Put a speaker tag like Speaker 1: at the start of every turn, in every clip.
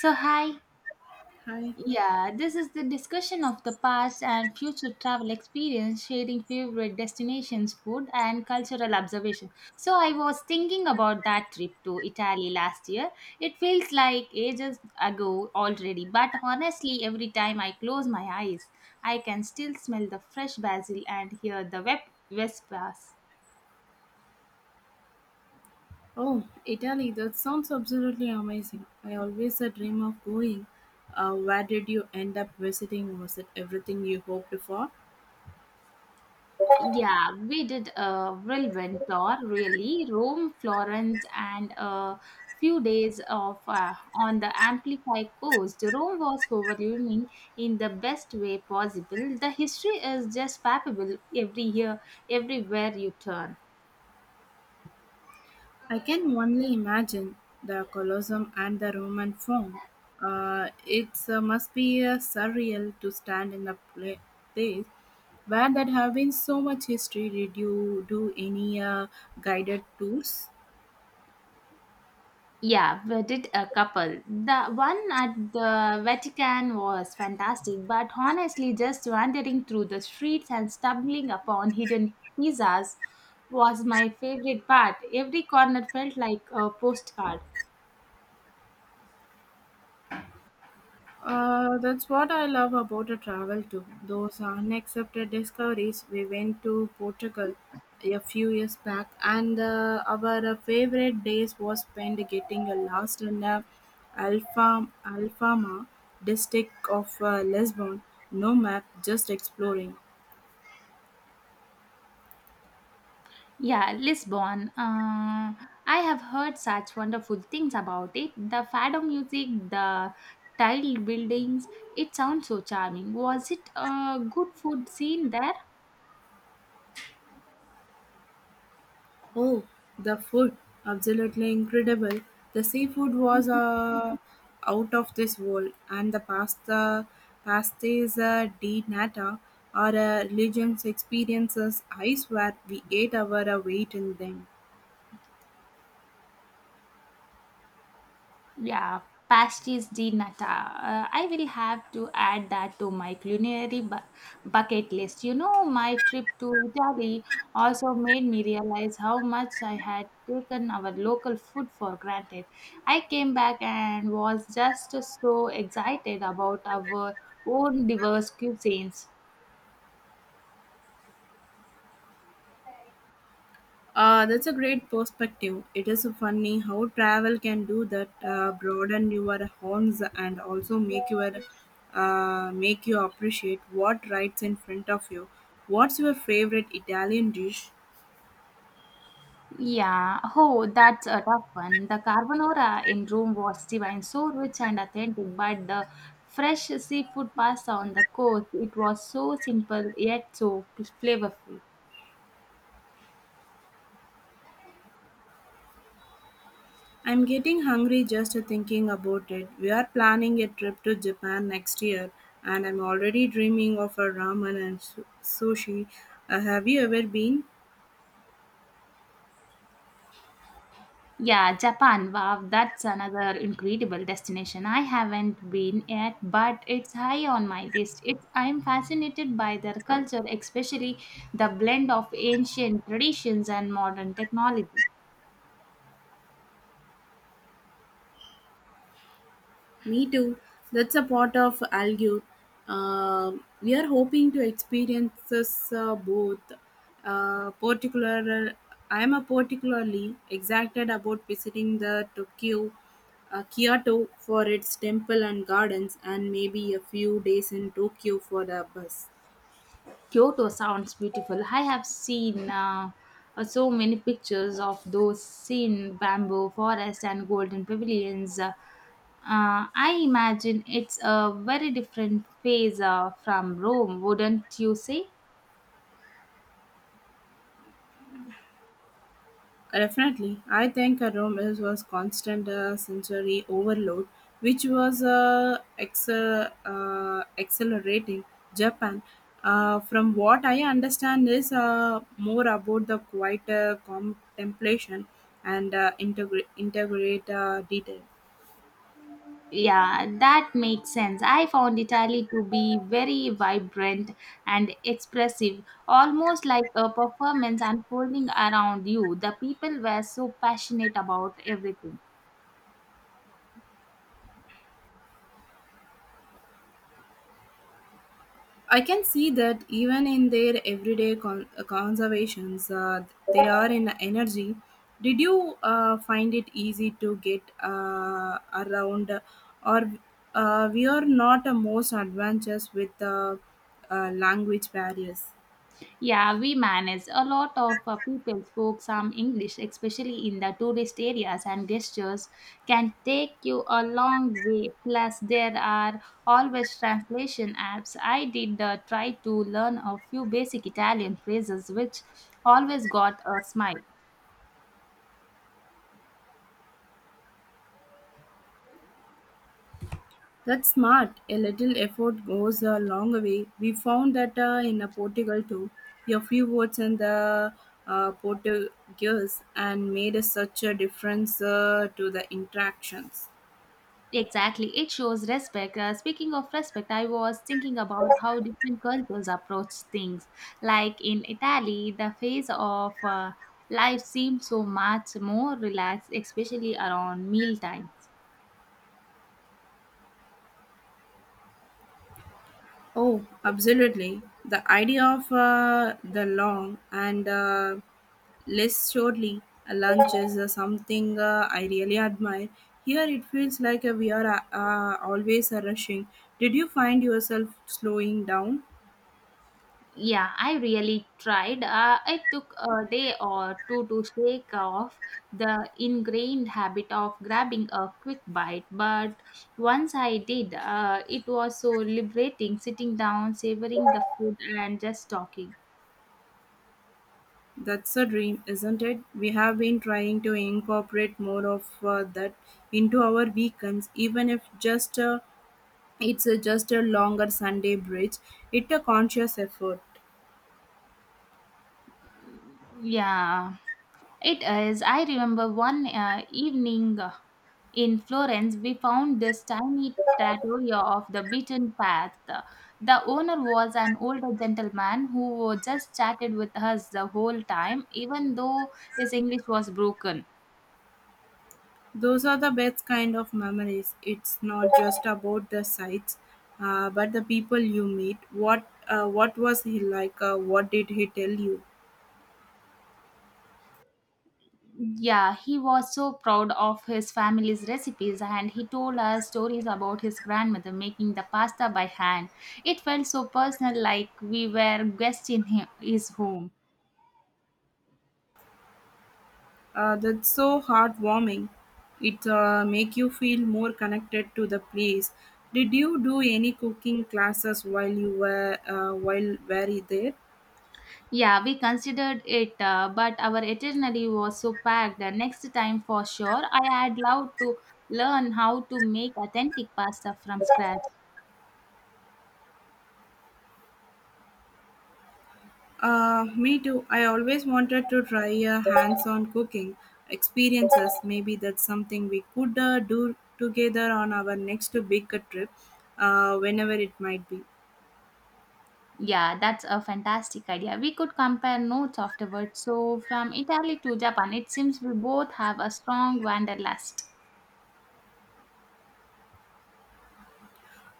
Speaker 1: So, hi.
Speaker 2: Hi.
Speaker 1: Yeah, this is the discussion of the past and future travel experience, sharing favorite destinations, food, and cultural observation. So, I was thinking about that trip to Italy last year. It feels like ages ago already, but honestly, every time I close my eyes, I can still smell the fresh basil and hear the vespers.
Speaker 2: Oh, Italy, that sounds absolutely amazing. I always a dream of going. Where did you end up visiting? Was it everything you hoped for?
Speaker 1: Yeah, we did a whirlwind tour, really. Rome, Florence, and a few days of on the Amplify coast. Rome was overwhelming in the best way possible. The history is just palpable every year, everywhere you turn.
Speaker 2: I can only imagine the Colosseum and the Roman Forum. It must be surreal to stand in a place where there have been so much history. Did you do any guided tours?
Speaker 1: Yeah, we did a couple. The one at the Vatican was fantastic, but honestly, just wandering through the streets and stumbling upon hidden pizzas was my favorite part. Every corner felt like a postcard.
Speaker 2: That's what I love about a travel too. Those unaccepted discoveries. We went to Portugal a few years back, and our favorite days was spent getting lost in the Alfama district of Lisbon. No map, just exploring.
Speaker 1: Yeah, Lisbon. I have heard such wonderful things about it. The fado music, the tiled buildings, it sounds so charming. Was it a good food scene there?
Speaker 2: Oh, the food, absolutely incredible. The seafood was out of this world, and the pastes di nata, are religions experiences. I swear we ate our weight in them.
Speaker 1: Yeah, pasties di nata. I will have to add that to my culinary bucket list. You know, my trip to Italy also made me realize how much I had taken our local food for granted. I came back and was just so excited about our own diverse cuisines.
Speaker 2: That's a great perspective. It is funny how travel can do that, broaden your horns and also make your make you appreciate what rides in front of you. What's your favorite Italian dish?
Speaker 1: Yeah, oh, that's a tough one. The carbonara in Rome was divine, so rich and authentic, but the fresh seafood pasta on the coast, it was so simple yet so flavorful.
Speaker 2: I'm getting hungry just thinking about it. We are planning a trip to Japan next year, and I'm already dreaming of a ramen and sushi. Have you ever been?
Speaker 1: Yeah, Japan, wow, that's another incredible destination. I haven't been yet, but it's high on my list. I'm fascinated by their culture, especially the blend of ancient traditions and modern technology.
Speaker 2: Me too. That's a part of Algue. We are hoping to experience this, both. Uh, particular, I am a particularly excited about visiting the Tokyo, Kyoto for its temple and gardens, and maybe a few days in Tokyo for the bus.
Speaker 1: Kyoto sounds beautiful. I have seen so many pictures of those seen bamboo forests and golden pavilions. I imagine it's a very different phase from Rome, wouldn't you say?
Speaker 2: Definitely. I think a room is was constant sensory overload, which was accelerating Japan. From what I understand, is more about the quiet contemplation and integrate detail.
Speaker 1: Yeah, that makes sense. I found Italy to be very vibrant and expressive, almost like a performance unfolding around you. The people were so passionate about everything.
Speaker 2: I can see that even in their everyday conservations, they are in energy. Did you find it easy to get around, or we are not most adventurous with language barriers?
Speaker 1: Yeah, we manage. A lot of people spoke some English, especially in the tourist areas, and gestures can take you a long way. Plus, there are always translation apps. I did try to learn a few basic Italian phrases, which always got a smile.
Speaker 2: That's smart. A little effort goes a long way. We found that in Portugal too. A few words in the Portuguese and made a, such a difference to the interactions.
Speaker 1: Exactly, it shows respect. Speaking of respect, I was thinking about how different cultures approach things. Like in Italy, the phase of life seemed so much more relaxed, especially around meal times.
Speaker 2: Oh, absolutely. The idea of the long and less shortly lunch is something I really admire. Here it feels like we are always rushing. Did you find yourself slowing down?
Speaker 1: Yeah, I really tried. It took a day or two to shake off the ingrained habit of grabbing a quick bite, but once I did, it was so liberating sitting down, savoring the food, and just talking.
Speaker 2: That's a dream, isn't it? We have been trying to incorporate more of that into our weekends, even if just it's just a longer Sunday bridge. It's a conscious effort.
Speaker 1: Yeah, it is. I remember one evening in Florence, we found this tiny trattoria of the beaten path. The owner was an older gentleman who just chatted with us the whole time, even though his English was broken.
Speaker 2: Those are the best kind of memories. It's not just about the sights, but the people you meet. What was he like? What did he tell you?
Speaker 1: Yeah, he was so proud of his family's recipes and he told us stories about his grandmother making the pasta by hand. It felt so personal, like we were guests in his home.
Speaker 2: That's so heartwarming. It make you feel more connected to the place. Did you do any cooking classes while you were while were you there?
Speaker 1: Yeah, we considered it, but our itinerary was so packed. Next time, for sure, I had loved to learn how to make authentic pasta from scratch.
Speaker 2: Me too. I always wanted to try a hands on cooking experiences. Maybe that's something we could do together on our next big trip, whenever it might be.
Speaker 1: Yeah, that's a fantastic idea. We could compare notes afterwards. So, from Italy to Japan, it seems we both have a strong wanderlust.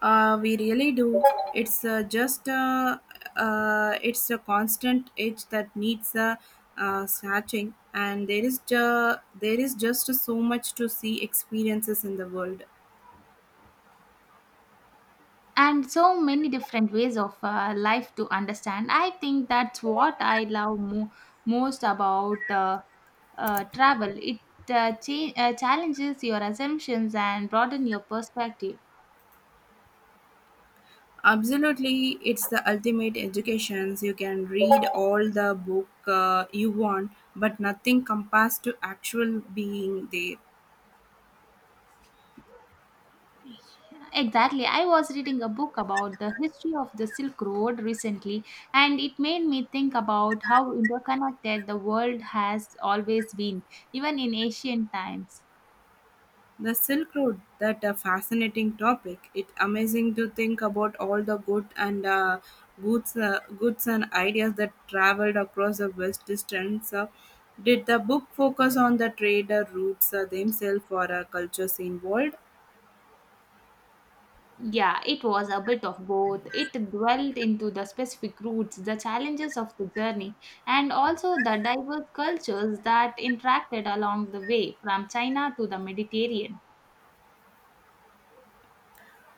Speaker 2: We really do. It's uh, just uh, it's a constant itch that needs a scratching, and there is just so much to see experiences in the world.
Speaker 1: And so many different ways of life to understand. I think that's what I love most about travel. It challenges your assumptions and broaden your perspective.
Speaker 2: Absolutely, it's the ultimate education. You can read all the book you want, but nothing compares to actual being there.
Speaker 1: Exactly. I was reading a book about the history of the Silk Road recently, and it made me think about how interconnected the world has always been, even in ancient times.
Speaker 2: The Silk Road, that a fascinating topic. It's amazing to think about all the goods and ideas that traveled across the vast distance. Did the book focus on the trader routes themselves or cultures involved?
Speaker 1: Yeah, it was a bit of both. It dwelled into the specific routes, the challenges of the journey, and also the diverse cultures that interacted along the way from China to the Mediterranean.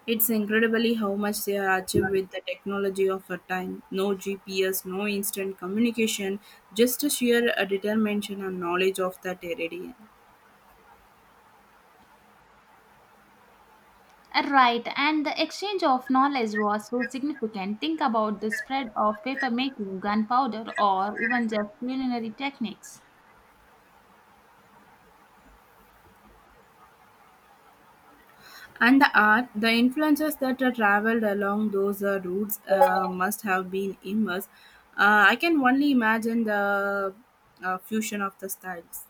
Speaker 2: It's incredibly how much they have achieved with the technology of our time. No GPS, no instant communication, just a sheer determination and knowledge of that area.
Speaker 1: Right, and the exchange of knowledge was so significant. Think about the spread of paper making, gunpowder, or even just culinary techniques.
Speaker 2: And the art, the influences that are traveled along those routes must have been immense. I can only imagine the fusion of the styles.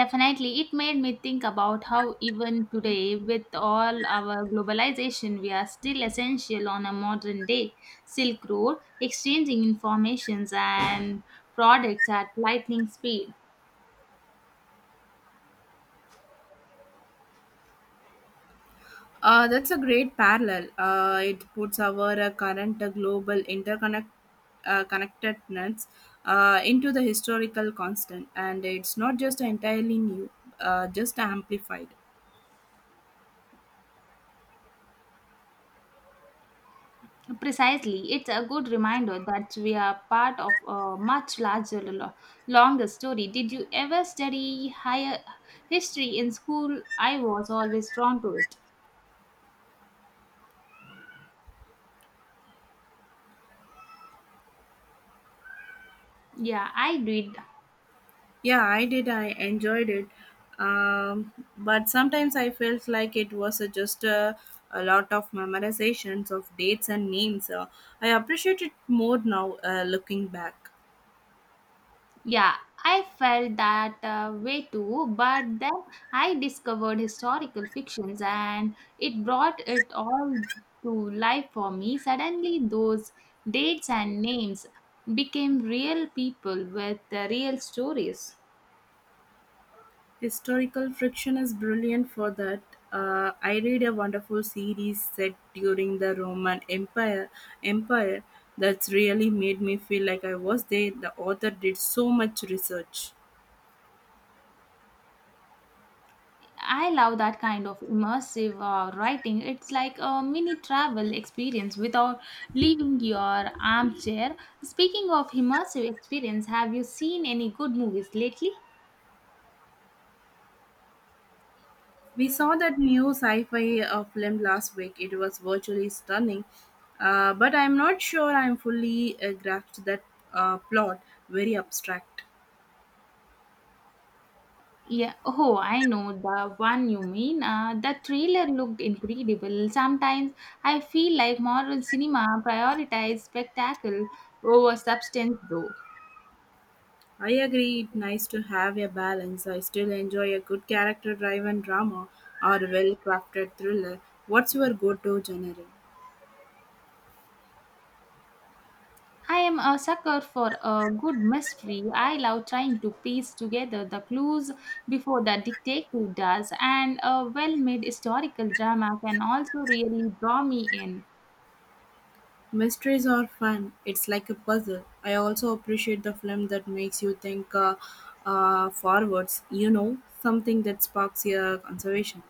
Speaker 1: Definitely, it made me think about how even today, with all our globalization, we are still essential on a modern day Silk Road, exchanging informations and products at lightning speed.
Speaker 2: That's a great parallel. It puts our current global interconnect connectedness into the historical constant, and it's not just entirely new, just amplified.
Speaker 1: Precisely, it's a good reminder that we are part of a much larger, longer story. Did you ever study higher history in school? I was always drawn to it. Yeah, I did.
Speaker 2: Yeah, I did. I enjoyed it, but sometimes I felt like it was just a lot of memorizations of dates and names. I appreciate it more now, looking back.
Speaker 1: Yeah, I felt that way too, but then I discovered historical fictions and it brought it all to life for me. Suddenly, those dates and names became real people with real stories.
Speaker 2: Historical fiction is brilliant for that. I read a wonderful series set during the Roman Empire that's really made me feel like I was there. The author did so much research.
Speaker 1: I love that kind of immersive writing. It's like a mini travel experience without leaving your armchair. Speaking of immersive experience, have you seen any good movies lately?
Speaker 2: We saw that new sci-fi film last week. It was virtually stunning, but I'm not sure I'm fully grasped that plot. Very abstract.
Speaker 1: Yeah, oh, I know the one you mean. The trailer looked incredible. Sometimes I feel like modern cinema prioritizes spectacle over substance, though.
Speaker 2: I agree it's nice to have a balance. I still enjoy a good character driven drama or a well crafted thriller. What's your go to genre?
Speaker 1: I am a sucker for a good mystery. I love trying to piece together the clues before the detective does, and a well made historical drama can also really draw me in.
Speaker 2: Mysteries are fun. It's like a puzzle. I also appreciate the film that makes you think forwards, you know, something that sparks your conservation.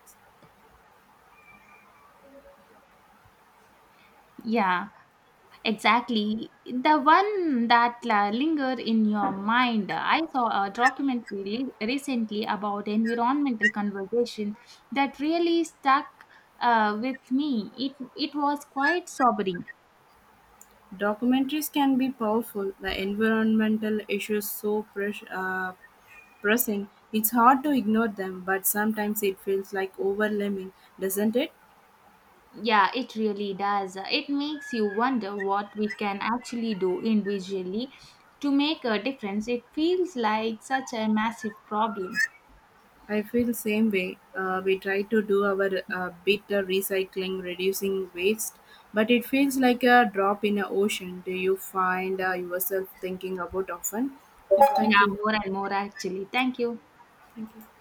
Speaker 1: Yeah, exactly. The one that lingered in your mind. I saw a documentary recently about environmental conversation that really stuck with me. It was quite sobering.
Speaker 2: Documentaries can be powerful. The environmental issues so pressing. It's hard to ignore them, but sometimes it feels like overwhelming, doesn't it?
Speaker 1: Yeah, it really does. It makes you wonder what we can actually do individually to make a difference. It feels like such a massive problem.
Speaker 2: I feel same way. We try to do our bit of recycling, reducing waste, but it feels like a drop in an ocean. Do you find yourself thinking about often? Yeah, thank
Speaker 1: Yeah,
Speaker 2: you.
Speaker 1: more and more actually. Thank you.
Speaker 2: Thank you.